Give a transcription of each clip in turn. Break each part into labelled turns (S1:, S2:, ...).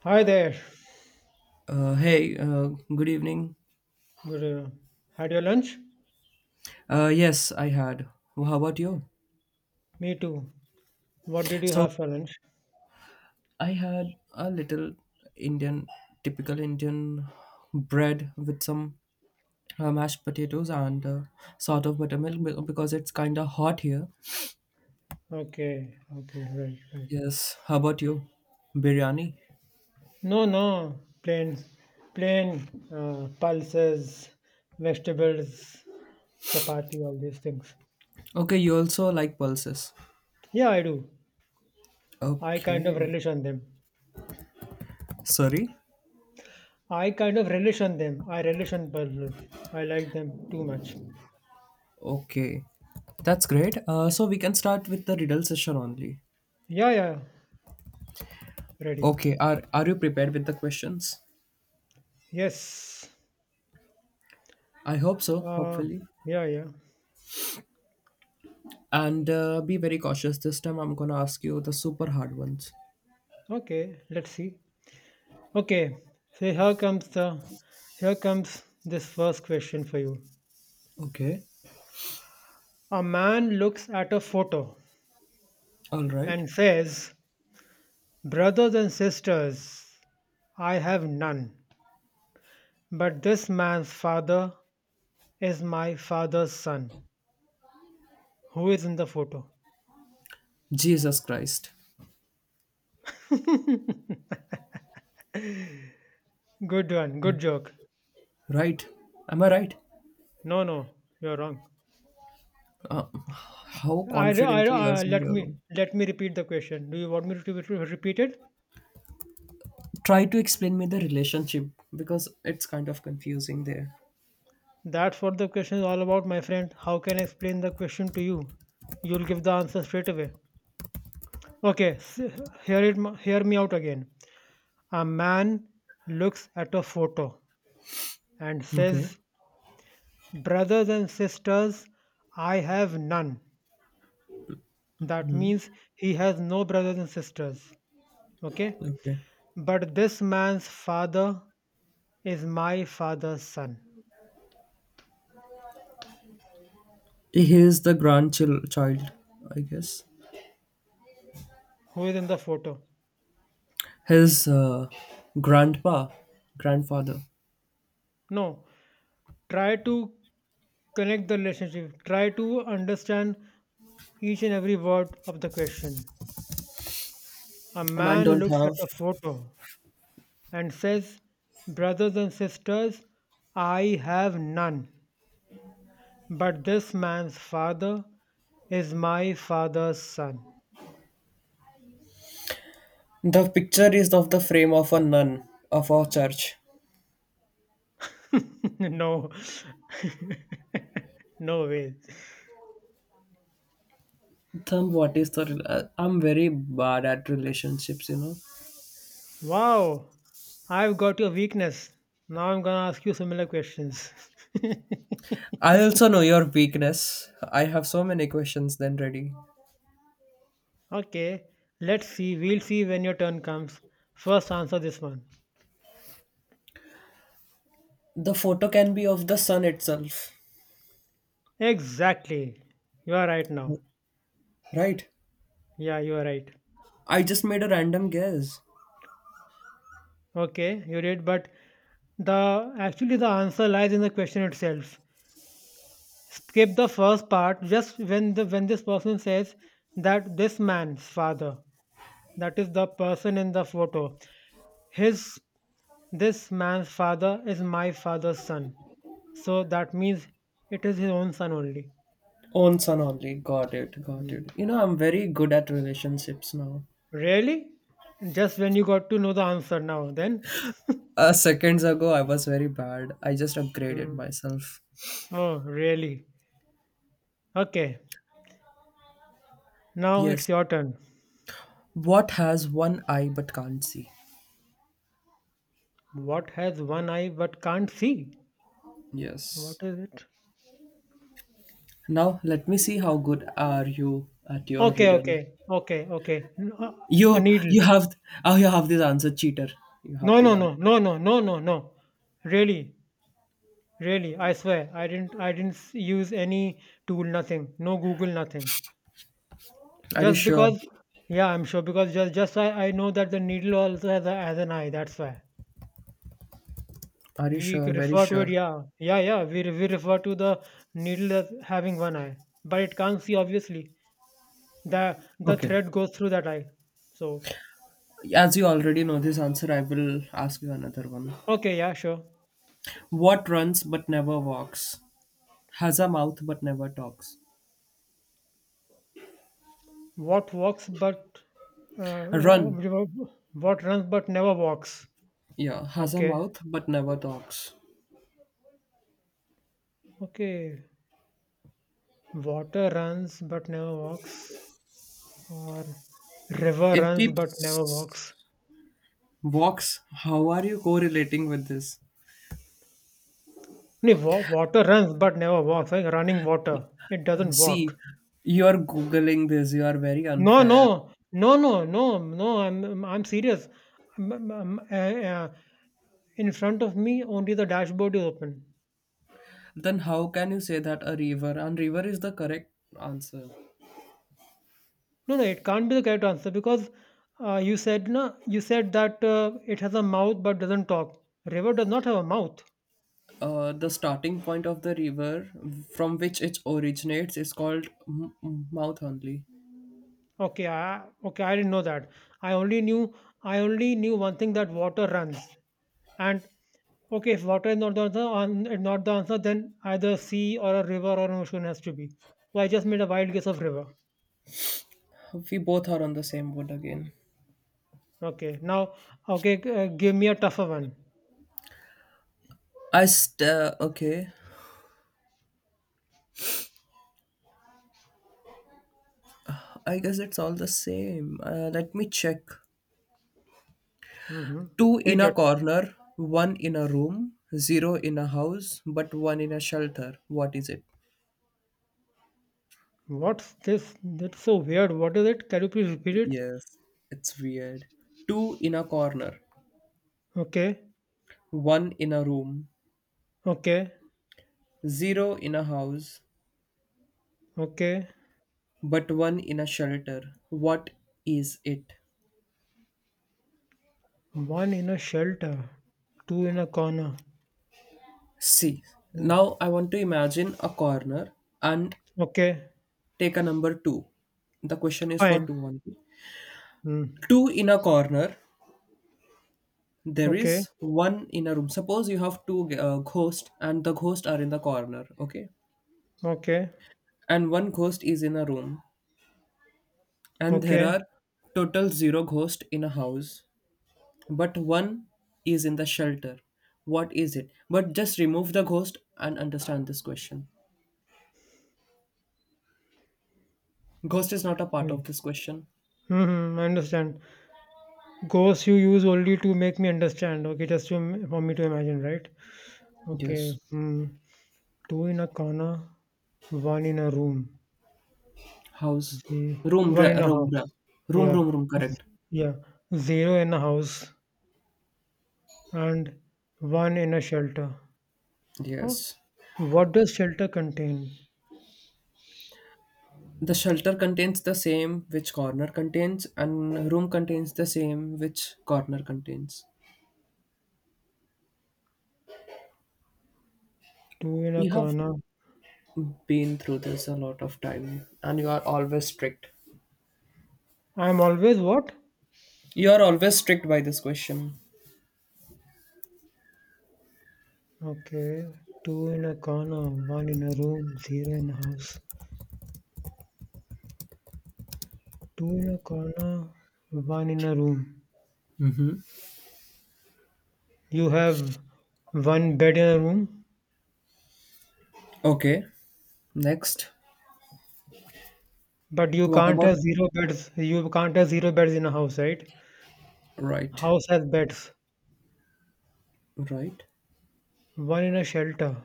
S1: Hi there.
S2: Hey, good evening.
S1: Good. Had your lunch?
S2: Yes, I had. Well, how about you?
S1: Me too. What did you
S2: So
S1: have for lunch?
S2: I had a little Indian, typical Indian bread with some mashed potatoes and sort of buttermilk because it's kind of hot here.
S1: Okay. Okay. Right. Right.
S2: Yes. How about you? Biryani.
S1: No. No. Plain. Plain. Pulses, vegetables, chapati, all these things.
S2: Okay, you also like pulses.
S1: Yeah, I do. I kind of
S2: Okay.
S1: relish on them.
S2: Sorry.
S1: I kind of relish on them. I relish on pulses. I like them too much.
S2: Okay, that's great. So we can start with the riddle session only.
S1: Yeah. Yeah. Ready.
S2: Okay, are you prepared with the questions?
S1: Yes.
S2: I hope so,
S1: Uh.
S2: hopefully.
S1: Yeah. Yeah.
S2: And be very cautious. This time I'm gonna ask you the super hard ones.
S1: Okay. Let's see. Okay, so here comes this first question for you.
S2: Okay.
S1: A man looks at a photo
S2: All right.
S1: and says, "Brothers and sisters, I have none, but this man's father is my father's son." Who is in the photo?
S2: Jesus Christ.
S1: Good one,
S2: Yeah.
S1: good joke.
S2: Right. Am I right?
S1: No, no, you're wrong.
S2: How
S1: I, I,
S2: confidently you are
S1: I
S2: saying
S1: let
S2: you're.
S1: me repeat the question. Do you want me to repeat it?
S2: Try to explain me the relationship because it's kind of confusing there.
S1: That's what the question is all about, my friend. How can I explain the question to you? You'll give the answer straight away. Okay, hear it, hear me out again. A man looks at a photo and
S2: Okay.
S1: says, "Brothers and sisters, I have none." That means he has no brothers and sisters. Okay,
S2: Okay.
S1: but this man's father is my father's son,
S2: He is the grandchild, child, I guess.
S1: who is in the photo.
S2: His grandpa, grandfather.
S1: No, try to connect the relationship. Try to understand each and every word of the question. A
S2: Man
S1: man
S2: don't
S1: looks at
S2: have.
S1: a photo and says, Brothers and sisters, I have none. But this man's father is my father's son.
S2: The picture is of the frame of a nun of our church.
S1: no, no way.
S2: Then what is the? I'm very bad at relationships.
S1: Wow, I've got your weakness. Now I'm gonna ask you similar questions.
S2: I also know your weakness. I have so many questions then ready.
S1: Okay, let's see. We'll see when your turn comes. First, answer this one.
S2: The photo can be of the sun itself,
S1: Exactly. You are right now.
S2: right?
S1: Yeah, you are right.
S2: I just made a random guess.
S1: Okay, you did, but the actually the answer lies in the question itself. Skip the first part just when the when this person says that this man's father, that is the person in the photo, his this man's father is my father's son. So that means it is his own son only.
S2: Own son only. Got it. Got
S1: Hmm.
S2: it. You know, I'm very good at relationships now.
S1: Really? Just when you got to know the answer now, then?
S2: Seconds ago, I was very bad. I just upgraded
S1: Hmm.
S2: myself.
S1: Oh, really? Okay, now it's
S2: Yes.
S1: your turn.
S2: What has one eye but can't see?
S1: What has one eye but can't see?
S2: Yes.
S1: What is it?
S2: Now let me see how good are you at your
S1: Okay,
S2: riddle.
S1: okay, okay, okay. A
S2: You
S1: needle.
S2: you have oh you have this answer, cheater. You have
S1: No,
S2: this
S1: no,
S2: answer.
S1: no, no, no, no, no, no. Really, really, I swear, I didn't use any tool, nothing. No Google, nothing.
S2: Are you
S1: Just
S2: sure?
S1: because, yeah, I'm sure because just I know that the needle also has an eye. That's why.
S2: Are you
S1: We
S2: sure? Very
S1: refer to it,
S2: sure.
S1: yeah. We refer to the needle as having one eye, but it can't see obviously. The
S2: Okay.
S1: thread goes through that eye. So
S2: As you already know this answer, I will ask you another one.
S1: okay, yeah, sure.
S2: What runs but never walks? Has a mouth but never talks.
S1: What walks but uh,
S2: Run.
S1: wha- what runs but never walks?
S2: Yeah, has a
S1: Okay,
S2: mouth but never talks.
S1: okay. Water runs but never walks, or river
S2: It
S1: runs but never
S2: keeps
S1: walks.
S2: walks. How are you correlating with this?
S1: No, water runs but never walks. Like running water, it doesn't walk.
S2: See, you're googling this. You are very
S1: No,
S2: unfair.
S1: no, no, no, no, no. I'm serious. Um, um, um, uh, uh, in front of me, only the dashboard is open.
S2: Then how can you say that a river? And river is the correct answer.
S1: No, no, it can't be the correct answer because you said no. You said that it has a mouth but doesn't talk. River does not have a mouth.
S2: The starting point of the river from which it originates is called Mouth Only.
S1: Okay, I didn't know that. I only knew I only knew one thing that water runs. And okay, if water is not the answer, not the answer, then either sea or a river or an ocean has to be. So I just made a wild guess of river.
S2: We both are on the same boat again.
S1: Okay. Now, okay, give me a tougher one.
S2: Okay. I guess it's all the same. Let me check.
S1: hmm
S2: Two
S1: Take
S2: in a
S1: your.
S2: corner, one in a room, zero in a house, but one in a shelter. What is it?
S1: What's this? That's so weird. What is it? Can you please repeat it?
S2: Yes, it's weird. Two in a corner,
S1: Okay.
S2: one in a room,
S1: Okay.
S2: zero in a house,
S1: Okay.
S2: but one in a shelter. What is it?
S1: One in a shelter, two in a corner.
S2: See,
S1: Hmm.
S2: now I want to imagine a corner and
S1: Okay.
S2: take a number two. The question is for
S1: Fine.
S2: two, one, two.
S1: Hmm.
S2: Two in a corner. There
S1: Okay.
S2: is one in a room. Suppose you have two ghosts and the ghosts are in the corner, okay?
S1: Okay.
S2: And one ghost is in a room, and there
S1: Okay.
S2: are total zero ghosts in a house but one is in the shelter. What is it? But just remove the ghost and understand this question. Ghost is not a part
S1: Mm.
S2: of this question.
S1: Mm-hmm. I understand. Ghosts you use only to make me understand. Okay, for me to imagine, right? Okay.
S2: Yes.
S1: Hmm. Two in a corner, one in a room.
S2: House.
S1: See,
S2: Room,
S1: one in
S2: ra-
S1: a
S2: room,
S1: house.
S2: ra- room,
S1: Yeah,
S2: room, room, correct.
S1: yeah. Zero in a house and one in a shelter. Oh,
S2: Yes.
S1: what does shelter contain?
S2: The shelter contains the same which corner contains, and room contains the same which corner contains.
S1: Two in a
S2: You have
S1: corner.
S2: been through this a lot of time, and you are always strict.
S1: I'm always what?
S2: You are always strict by this question.
S1: Okay. Two in a corner, one in a room, zero in a house. Two in a corner, one in a room. You have one bed in a room,
S2: Okay. Next.
S1: but you
S2: What
S1: can't have
S2: about.
S1: zero beds. You can't have zero beds in a house, right?
S2: Right,
S1: House has beds.
S2: right.
S1: One in a shelter.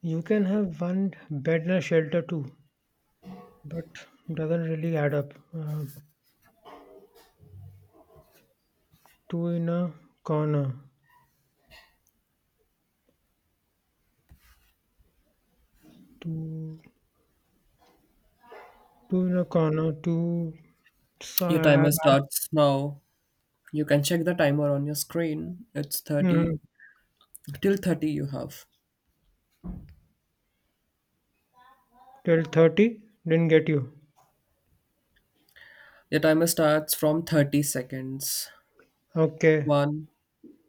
S1: You can have one bed in a shelter too. But doesn't really add up. Two in a corner, two two in a corner, so,
S2: Your
S1: uh,
S2: timer starts now. You can check the timer on your screen. It's
S1: mm,
S2: 30. Till 30 you have.
S1: 12 didn't get you.
S2: Your timer starts from 30 seconds.
S1: Okay,
S2: One,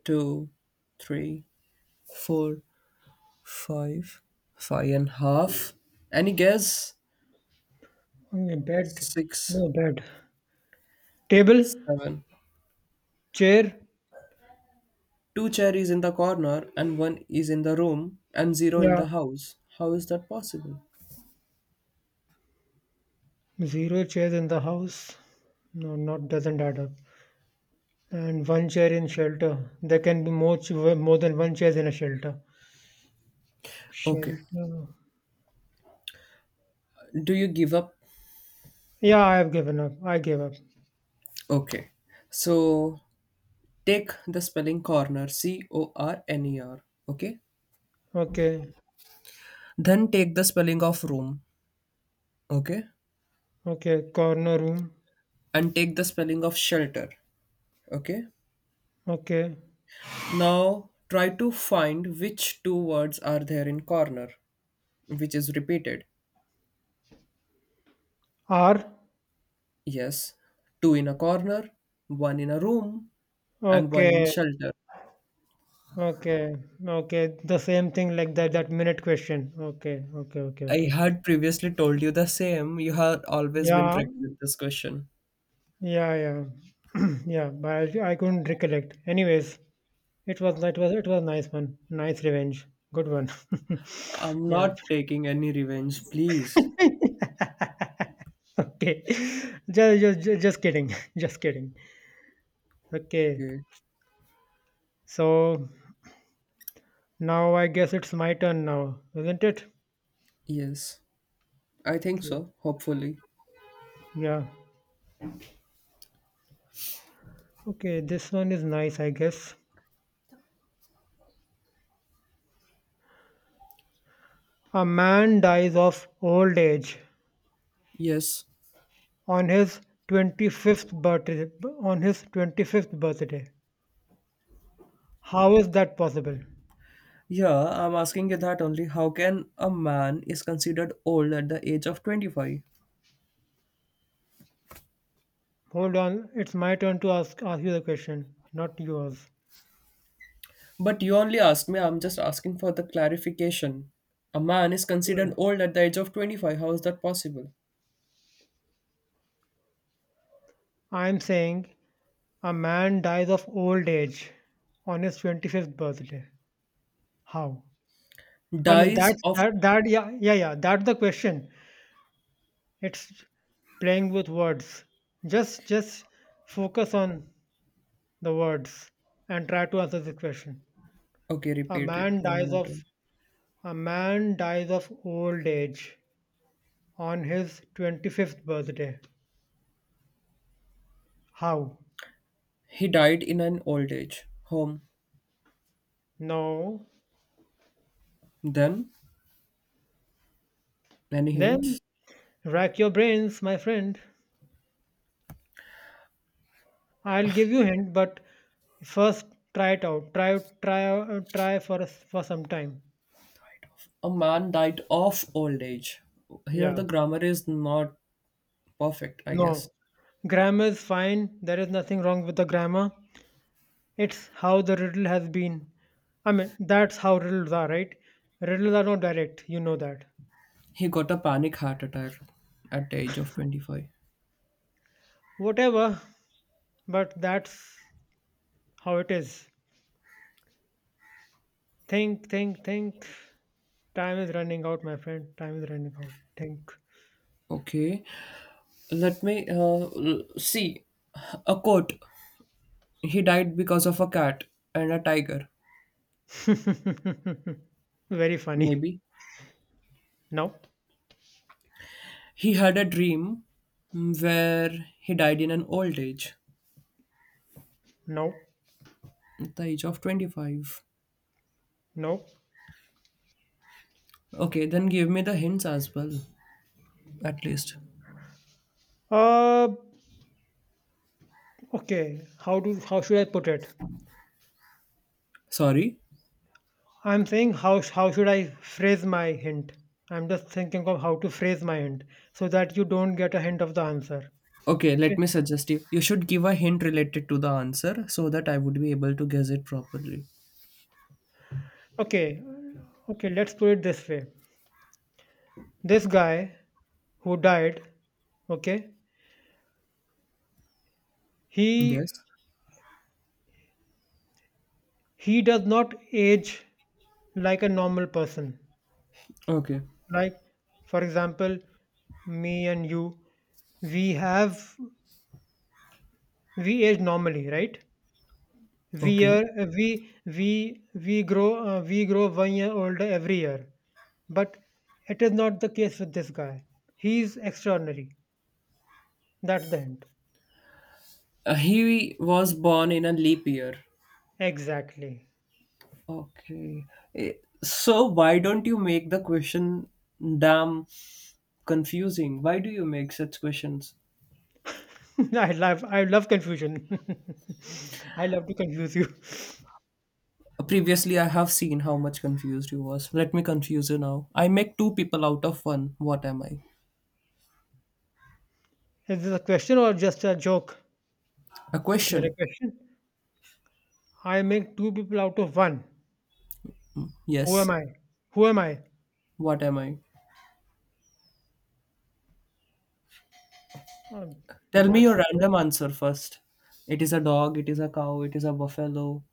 S2: two, three, four, five, five and a half. Any guess?
S1: okay, bed,
S2: Six,
S1: no bed, table,
S2: seven.
S1: chair,
S2: Two cherries in the corner and one is in the room and zero in
S1: yeah,
S2: the house. How is that possible?
S1: zero chairs in the house. No, not doesn't add up. And one chair in shelter. There can be more than one chairs in a shelter.
S2: Okay.
S1: Shelter.
S2: Do you give up?
S1: Yeah, I have given up. I gave up.
S2: Okay. So take the spelling corner, C O R N E R, okay?
S1: Okay.
S2: Then take the spelling of room, okay?
S1: Okay, corner room.
S2: And take the spelling of shelter, okay?
S1: Okay.
S2: Now try to find which two words are there in corner, which is repeated.
S1: R.
S2: Yes, two in a corner, one in a room, and one in the
S1: Okay.
S2: shelter.
S1: Okay. Okay. The same thing like that, that minute question. Okay. Okay. Okay.
S2: I
S1: Okay.
S2: had previously told you the same. You had always been
S1: Yeah.
S2: tricked with this question.
S1: Yeah. Yeah. Yeah. But I couldn't recollect. Anyways, it was it was it was nice one. Nice revenge. Good one.
S2: I'm
S1: Yeah.
S2: not taking any revenge, please.
S1: Okay. Just kidding. Just kidding. Okay.
S2: Okay.
S1: So now I guess it's my turn now, isn't it?
S2: Yes. I think
S1: Okay.
S2: so, hopefully.
S1: Yeah. Okay, this one is nice, I guess. A man dies of old age
S2: Yes.
S1: on his 25th birthday on his 25th birthday. How is that possible?
S2: Yeah, I'm asking you that only. How can a man is considered old at the age of 25?
S1: Hold on, it's my turn to ask you the question, not yours.
S2: But you only asked me, I'm just asking for the clarification. A man is
S1: Hmm.
S2: considered old at the age of 25. How is that possible?
S1: I'm saying a man dies of old age on his 25th birthday. How? I mean
S2: Dies
S1: that's
S2: of.
S1: that that Yeah, that's the question. It's playing with words. Just focus on the words and try to answer this question.
S2: Okay,
S1: A
S2: repeat it
S1: man
S2: one
S1: dies
S2: more
S1: of
S2: time.
S1: a man dies of old age on his 25th birthday. How?
S2: He died in an old age home.
S1: No.
S2: Then, any
S1: Then
S2: hints?
S1: rack your brains, my friend. I'll give you hint, but first try it out. Try for a for some time.
S2: A man died of old age. Here
S1: Yeah.
S2: the grammar is not perfect, I guess.
S1: No. Grammar is fine. There is nothing wrong with the grammar. It's how the riddle has been. I mean, that's how riddles are, right? Riddles are not direct, you know that.
S2: He got a panic heart attack at the age of 25.
S1: Whatever, but that's how it is. Think, think. Time is running out, my friend. Time is running out. Think.
S2: Okay, let me see. A quote. He died because of a cat and a tiger,
S1: Very funny.
S2: maybe.
S1: No,
S2: He had a dream where he died in an old age
S1: no,
S2: at the age of 25.
S1: no.
S2: Okay, then give me the hints as well, at least.
S1: Uh, okay. How should I put it?
S2: Sorry.
S1: I'm saying how should I phrase my hint? I'm just thinking of how to phrase my hint so that you don't get a hint of the answer.
S2: Okay,
S1: Okay?
S2: let me suggest you. You should give a hint related to the answer so that I would be able to guess it properly.
S1: Okay. Okay, let's put it this way. This guy who died, okay? He
S2: Yes.
S1: he does not age like a normal person.
S2: Okay.
S1: Like for example, me and you, we have we age normally, right? We
S2: Okay.
S1: year, we grow we grow 1 year older every year, but it is not the case with this guy. He is extraordinary. That's the hint.
S2: He was born in a leap year.
S1: Exactly.
S2: Okay. Eh, So why don't you make the question damn confusing? Why do you make such questions?
S1: I love confusion. I love to confuse you.
S2: Previously, I have seen how much confused you was. Let me confuse you now. I make two people out of one. What am I?
S1: Is this a question or just a joke?
S2: A
S1: Is there a
S2: question.
S1: question? I make two people out of one. Who am
S2: Yes.
S1: I? Who am I?
S2: What am I?
S1: Um,
S2: Tell me
S1: that's
S2: your random answer first. It is a dog. It is a cow. It is a buffalo.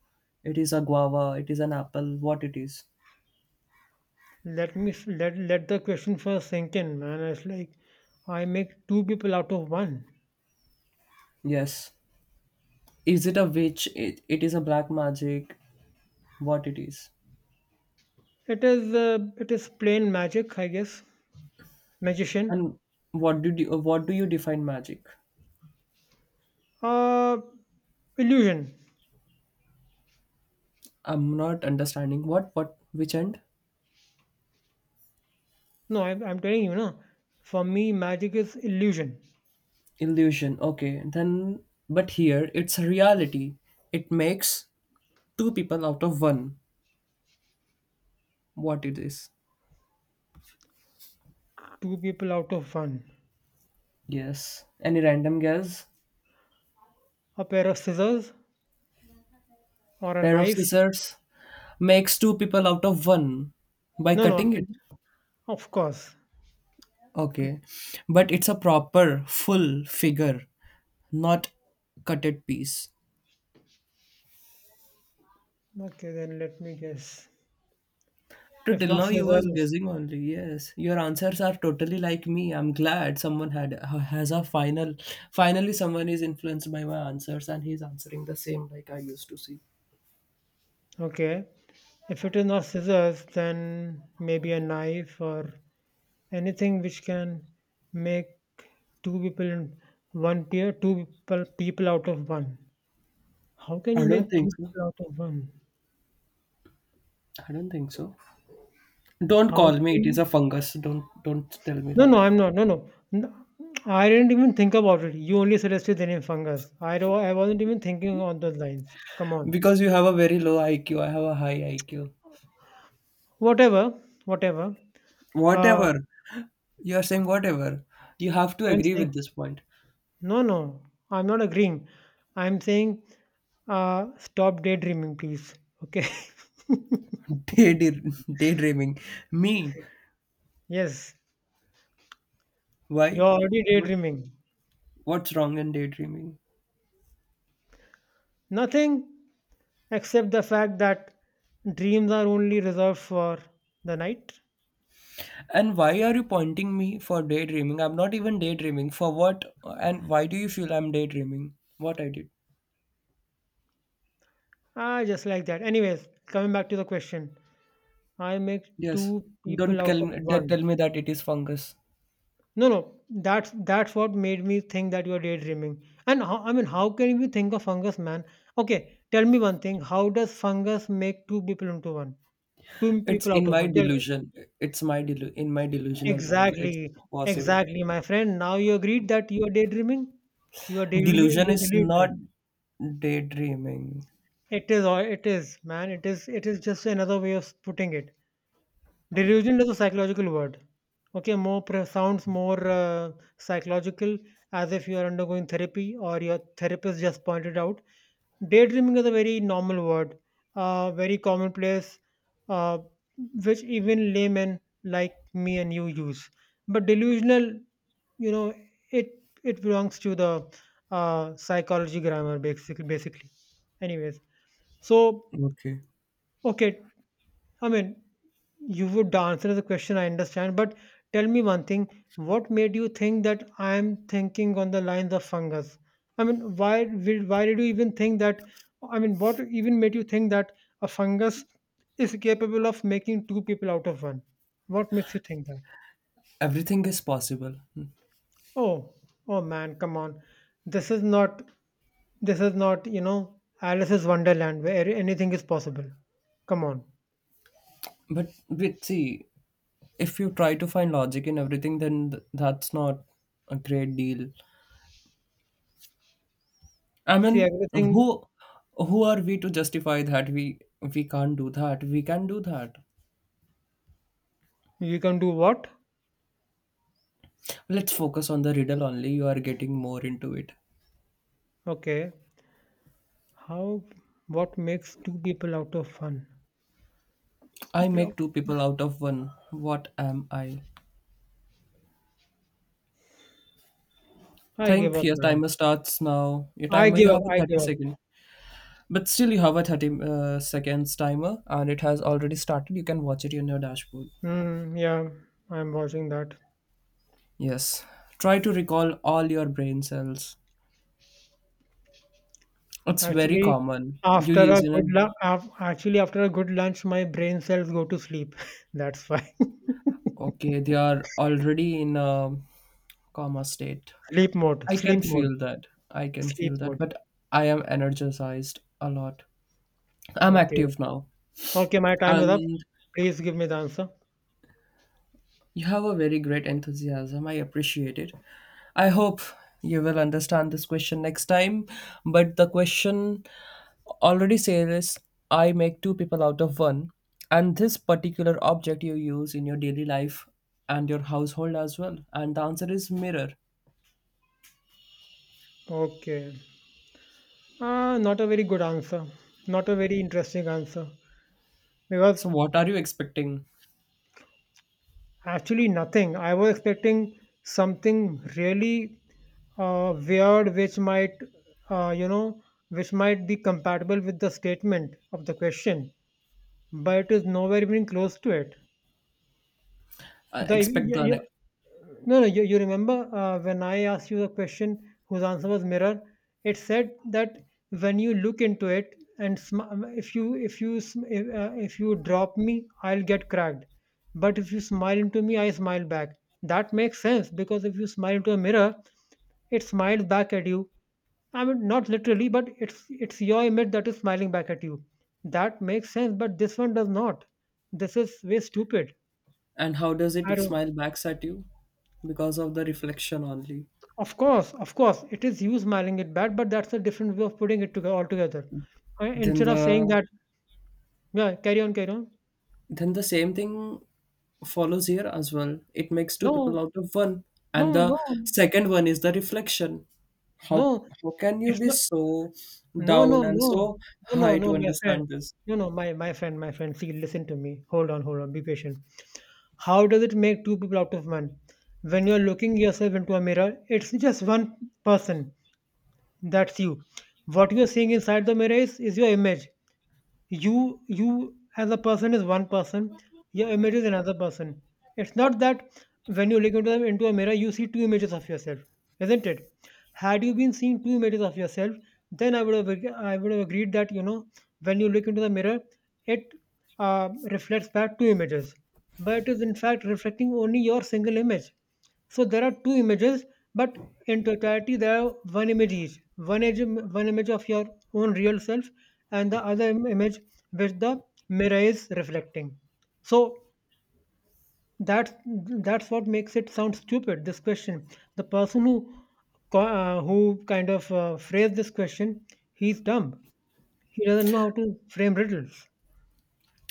S2: It is a guava. It is an apple. What it is?
S1: Let let the question first sink in, man. It's like I make two people out of one.
S2: Yes. Is it a witch? It is a black magic. What it is?
S1: It is plain magic, I guess. Magician,
S2: And what do you define magic?
S1: uh, illusion.
S2: I'm not understanding. What which end?
S1: No, I, I'm telling you, no. For me, magic is illusion.
S2: Illusion. Okay. Then but here it's a reality. It makes two people out of one. What it is?
S1: Two people out of one.
S2: Yes. Any random guess?
S1: A pair of scissors or a
S2: Pair of
S1: knife.
S2: scissors makes two people out of one by
S1: No, no. I
S2: cutting it.
S1: mean, of course. Two-
S2: Okay. But it's a proper full figure, not cutted piece.
S1: Okay, then let me guess.
S2: To
S1: If
S2: till
S1: not
S2: now you was
S1: scissors,
S2: guessing only. Yes, your answers are totally like me. I'm glad someone had has a final. Finally, someone is influenced by my answers and he's answering the same like I used to see.
S1: okay. If it is not scissors, then maybe a knife or anything which can make two people in one pair, two people people out of one. How can you
S2: I don't
S1: make
S2: think
S1: two
S2: so.
S1: people out of one?
S2: I don't think so. Don't
S1: How
S2: call me. It
S1: can
S2: is
S1: you?
S2: a fungus. Don't tell me
S1: No,
S2: that
S1: no, I'm not. No, no. I didn't even think about it. You only suggested the name fungus. I wasn't even thinking on those lines. Come on.
S2: because you have a very low IQ. I have a high IQ.
S1: Whatever, whatever. Uh,
S2: Whatever you are saying, whatever you have to
S1: I'm
S2: agree
S1: saying
S2: with this point.
S1: no, no. I'm not agreeing. I'm saying stop daydreaming, please. Okay.
S2: Day Daydreaming. Me.
S1: yes. You're
S2: Why?
S1: already
S2: What?
S1: daydreaming.
S2: What's wrong in daydreaming?
S1: Nothing except the fact that dreams are only reserved for the night.
S2: And why are you pointing me for daydreaming? I'm not even daydreaming. For what? And why do you feel I'm daydreaming? What I did?
S1: Ah, just like that. Anyways, coming back to the question, I make
S2: Yes.
S1: two
S2: Don't
S1: people out
S2: tell
S1: of
S2: me that
S1: one.
S2: tell me that it is fungus.
S1: No, no, that's what made me think that you're daydreaming. And how, I mean, how can you think of fungus, man? Okay, tell me one thing. How does fungus make two people into one? Two
S2: It's
S1: people out
S2: in
S1: of
S2: my
S1: one. Tell me.
S2: delusion. It's my in my delusional world. It's
S1: Exactly,
S2: possible.
S1: exactly, my friend. Now you agreed that you are daydreaming. You are
S2: Delusion
S1: you are
S2: is not
S1: delusional.
S2: daydreaming.
S1: It is, all. It is, man. It is just another way of putting it. Delusion is a psychological word. Okay, sounds more psychological, as if you are undergoing therapy or your therapist just pointed out. Daydreaming is a very normal word, very commonplace, uh, which even laymen like me and you use. But delusional you know it it belongs to the psychology grammar basically, anyways, so
S2: Okay.
S1: okay. I mean, you would answer the question, I understand, but tell me one thing. What made you think that I am thinking on the lines of fungus? I mean, why did you even think that? I mean, what even made you think that a fungus is capable of making two people out of one? What makes you think that?
S2: Everything is possible.
S1: Oh, oh man, come on. This is not this is not, you know, Alice's Wonderland where anything is possible. Come on.
S2: But with see, if you try to find logic in everything, then that's not a great deal. I
S1: See,
S2: mean,
S1: everything.
S2: who are we to justify that we can't do that? We can do that.
S1: You can do what?
S2: Let's focus on the riddle only. You are getting more into it.
S1: Okay. How, what makes two people out of fun?
S2: I
S1: People out.
S2: make two people out of one. What am I?
S1: I give
S2: Think
S1: up,
S2: your
S1: man.
S2: timer starts now. Your
S1: I
S2: timer, you
S1: give up.
S2: have a
S1: I give
S2: 30
S1: up.
S2: second. But still, you have a 30 seconds timer and it has already started. You can watch it in your dashboard.
S1: Mm, yeah, I'm watching that.
S2: Yes. Try to recall all your brain cells. It's very
S1: Actually,
S2: common. You
S1: after a
S2: use in a.
S1: good lu- af- actually after a good lunch, my brain cells go to sleep. That's why.
S2: Okay, they are already in a coma state.
S1: Sleep mode.
S2: I
S1: Sleep
S2: can
S1: mode.
S2: feel that. I can
S1: Sleep
S2: feel that,
S1: mode.
S2: but I am energized a lot. I'm
S1: Okay.
S2: active now.
S1: Okay, my time is up.
S2: And
S1: Please give me the answer.
S2: you have a very great enthusiasm. I appreciate it. I hope you will understand this question next time. But the question already says I make two people out of one. And this particular object you use in your daily life and your household as well. And the answer is mirror.
S1: Okay. Ah, not a very good answer. Not a very interesting answer.
S2: So,
S1: Because
S2: what are you expecting?
S1: actually, nothing. I was expecting something really weird, which might, uh, you know, which might be compatible with the statement of the question, but it is nowhere even close to it. The
S2: Expect
S1: yeah,
S2: the
S1: yeah. No, no, you remember when I asked you the question whose answer was mirror? It said that when you look into it and if you drop me, I'll get cracked. But if you smile into me, I smile back. That makes sense, because if you smile into a mirror, it smiles back at you. I mean, not literally, but it's your image that is smiling back at you. That makes sense, but this one does not. This is way stupid.
S2: and how does
S1: I
S2: it
S1: don't.
S2: smile backs at you? Because of the reflection only.
S1: Of course, it is you smiling it back, but that's a different way of putting it together altogether.
S2: then
S1: Instead of saying
S2: the
S1: that, yeah, carry on, carry on.
S2: then the same thing follows here as well. It makes two people
S1: No,
S2: out of one, and
S1: no, no,
S2: the second one is the reflection. how
S1: no.
S2: how can you
S1: It's
S2: be
S1: not.
S2: so
S1: No, no,
S2: down and
S1: no,
S2: so
S1: no, no,
S2: high
S1: no,
S2: to
S1: my
S2: understand
S1: friend.
S2: this?
S1: No, no, my friend. See, listen to me. Hold on, hold on. Be patient. How does it make two people out of one? When you're looking yourself into a mirror, it's just one person. That's you. What you're seeing inside the mirror is your image. You as a person is one person, your image is another person. It's not that when you look into a mirror you see two images of yourself, isn't it? Had you been seeing two images of yourself, then I would have agreed that, you know, when you look into the mirror, it reflects back two images. But it is in fact reflecting only your single image. So there are two images, but in totality there are one image each. One image of your own real self, and the image which the mirror is reflecting. So that's that's what makes it sound stupid. This question, the person who who kind of phrased this question, he's dumb. He doesn't know how to frame riddles.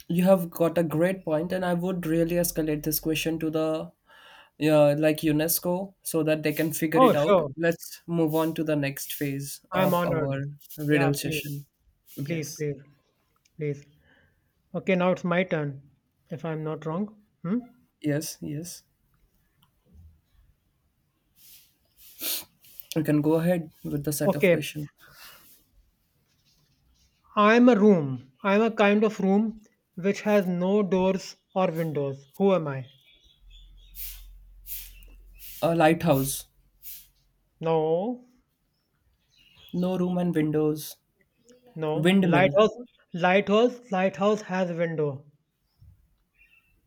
S2: You have got a great point, and I would really escalate this question to the, yeah, like UNESCO so that they can figure
S1: Oh
S2: it out.
S1: sure,
S2: Let's move on to the next phase
S1: I'm
S2: of
S1: honored.
S2: our
S1: Yeah,
S2: riddle
S1: please,
S2: session.
S1: please,
S2: Yes,
S1: please, please. Okay, now it's my turn, if I'm not wrong. Hmm?
S2: yes, yes. You can go ahead with the set of
S1: Okay,
S2: questions.
S1: I'm a room. I'm a kind of room which has no doors or windows. Who am I?
S2: A lighthouse,
S1: No,
S2: no room and windows.
S1: no.
S2: Windmill,
S1: Lighthouse, lighthouse has window.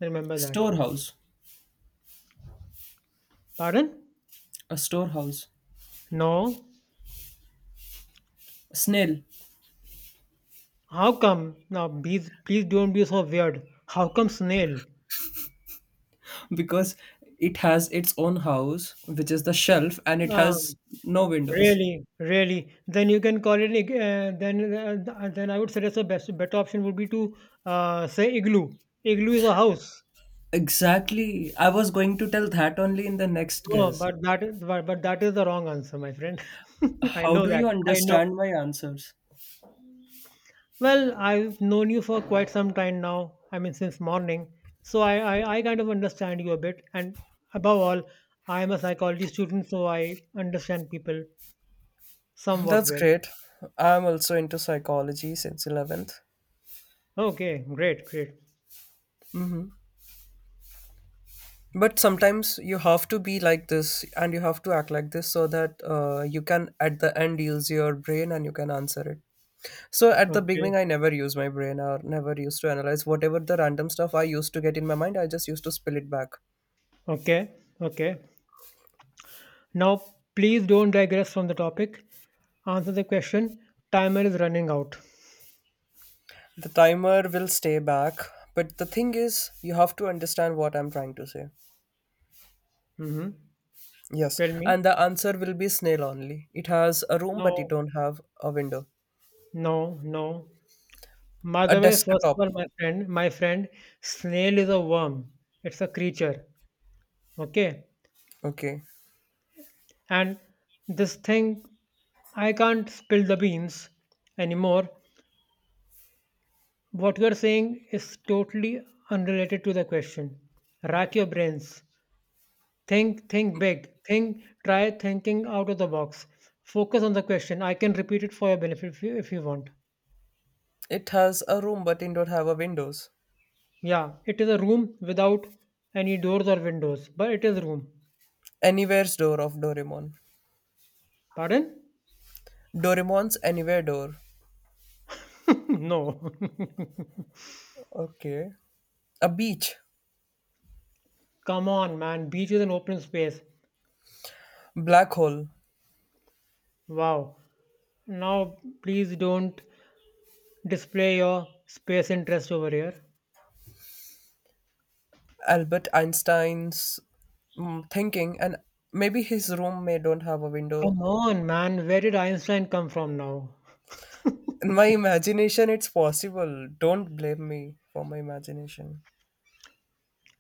S1: Remember that.
S2: storehouse,
S1: Pardon?
S2: a storehouse.
S1: No.
S2: Snail,
S1: How come? Now, please, please don't be so weird. How come snail?
S2: because it has its own house, which is the shelf, and it has
S1: Um,
S2: no windows.
S1: Really, really. Then you can call it an then then I would suggest the best better option would be to say igloo. Igloo is a house.
S2: Exactly. I was going to tell that only in the next
S1: No,
S2: guess.
S1: but that is the wrong answer, my friend. I
S2: How
S1: know
S2: do
S1: that.
S2: you
S1: I know.
S2: understand my answers?
S1: Well, I've known you for quite some time now. I mean, since morning. So I kind of understand you a bit. And above all, I am a psychology student, so I understand people somewhat
S2: That's
S1: well.
S2: great. I'm also into psychology since 11th.
S1: Okay, great, great.
S2: But sometimes you have to be like this and you have to act like this so that you can, at the end, use your brain and you can answer it. So at the
S1: Okay,
S2: beginning, I never used my brain or never used to analyze whatever the random stuff I used to get in my mind. I just used to spill it back.
S1: okay, okay. Now, please don't digress from the topic. Answer the question. Timer is running out.
S2: The timer will stay back, but the thing is, you have to understand what I'm trying to say.
S1: Hmm.
S2: Yes,
S1: Tell me.
S2: and the answer will be snail only. It has a room, but it
S1: No,
S2: don't have a window.
S1: no, no. By
S2: A
S1: the way, first of
S2: desktop.
S1: all, my friend, snail is a worm. It's a creature. Okay.
S2: Okay.
S1: And this thing, I can't spill the beans anymore. What you're saying is totally unrelated to the question. Rack your brains. Think big. Think, try thinking out of the box. Focus on the question. I can repeat it for your benefit if you want.
S2: It has a room, but it don't have a windows.
S1: Yeah, it is a room without any doors or windows, but it is room.
S2: Anywhere's door of Doraemon.
S1: Pardon?
S2: Doraemon's anywhere door.
S1: No.
S2: Okay. A beach.
S1: Come on, man. Beach is an open space.
S2: Black hole.
S1: Wow. Now, please don't display your space interest over here.
S2: Albert Einstein's thinking, and maybe his room may don't have a window.
S1: Come on, man. Where did Einstein come from now?
S2: In my imagination, it's possible. Don't blame me for my imagination.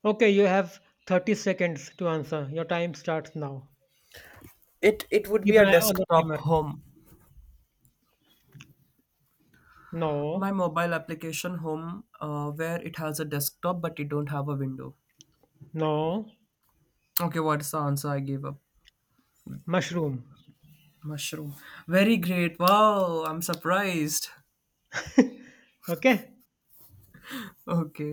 S1: Okay, you have 30 seconds to answer. Your time starts now.
S2: It would be
S1: Keep an
S2: a
S1: eye on the
S2: desktop
S1: timer.
S2: home. My
S1: No,
S2: mobile application home, where it has a desktop but it don't have a window.
S1: no,
S2: Okay, what's the answer I gave up?
S1: mushroom.
S2: Mushroom. Very great. Wow, I'm surprised.
S1: Okay?
S2: Okay.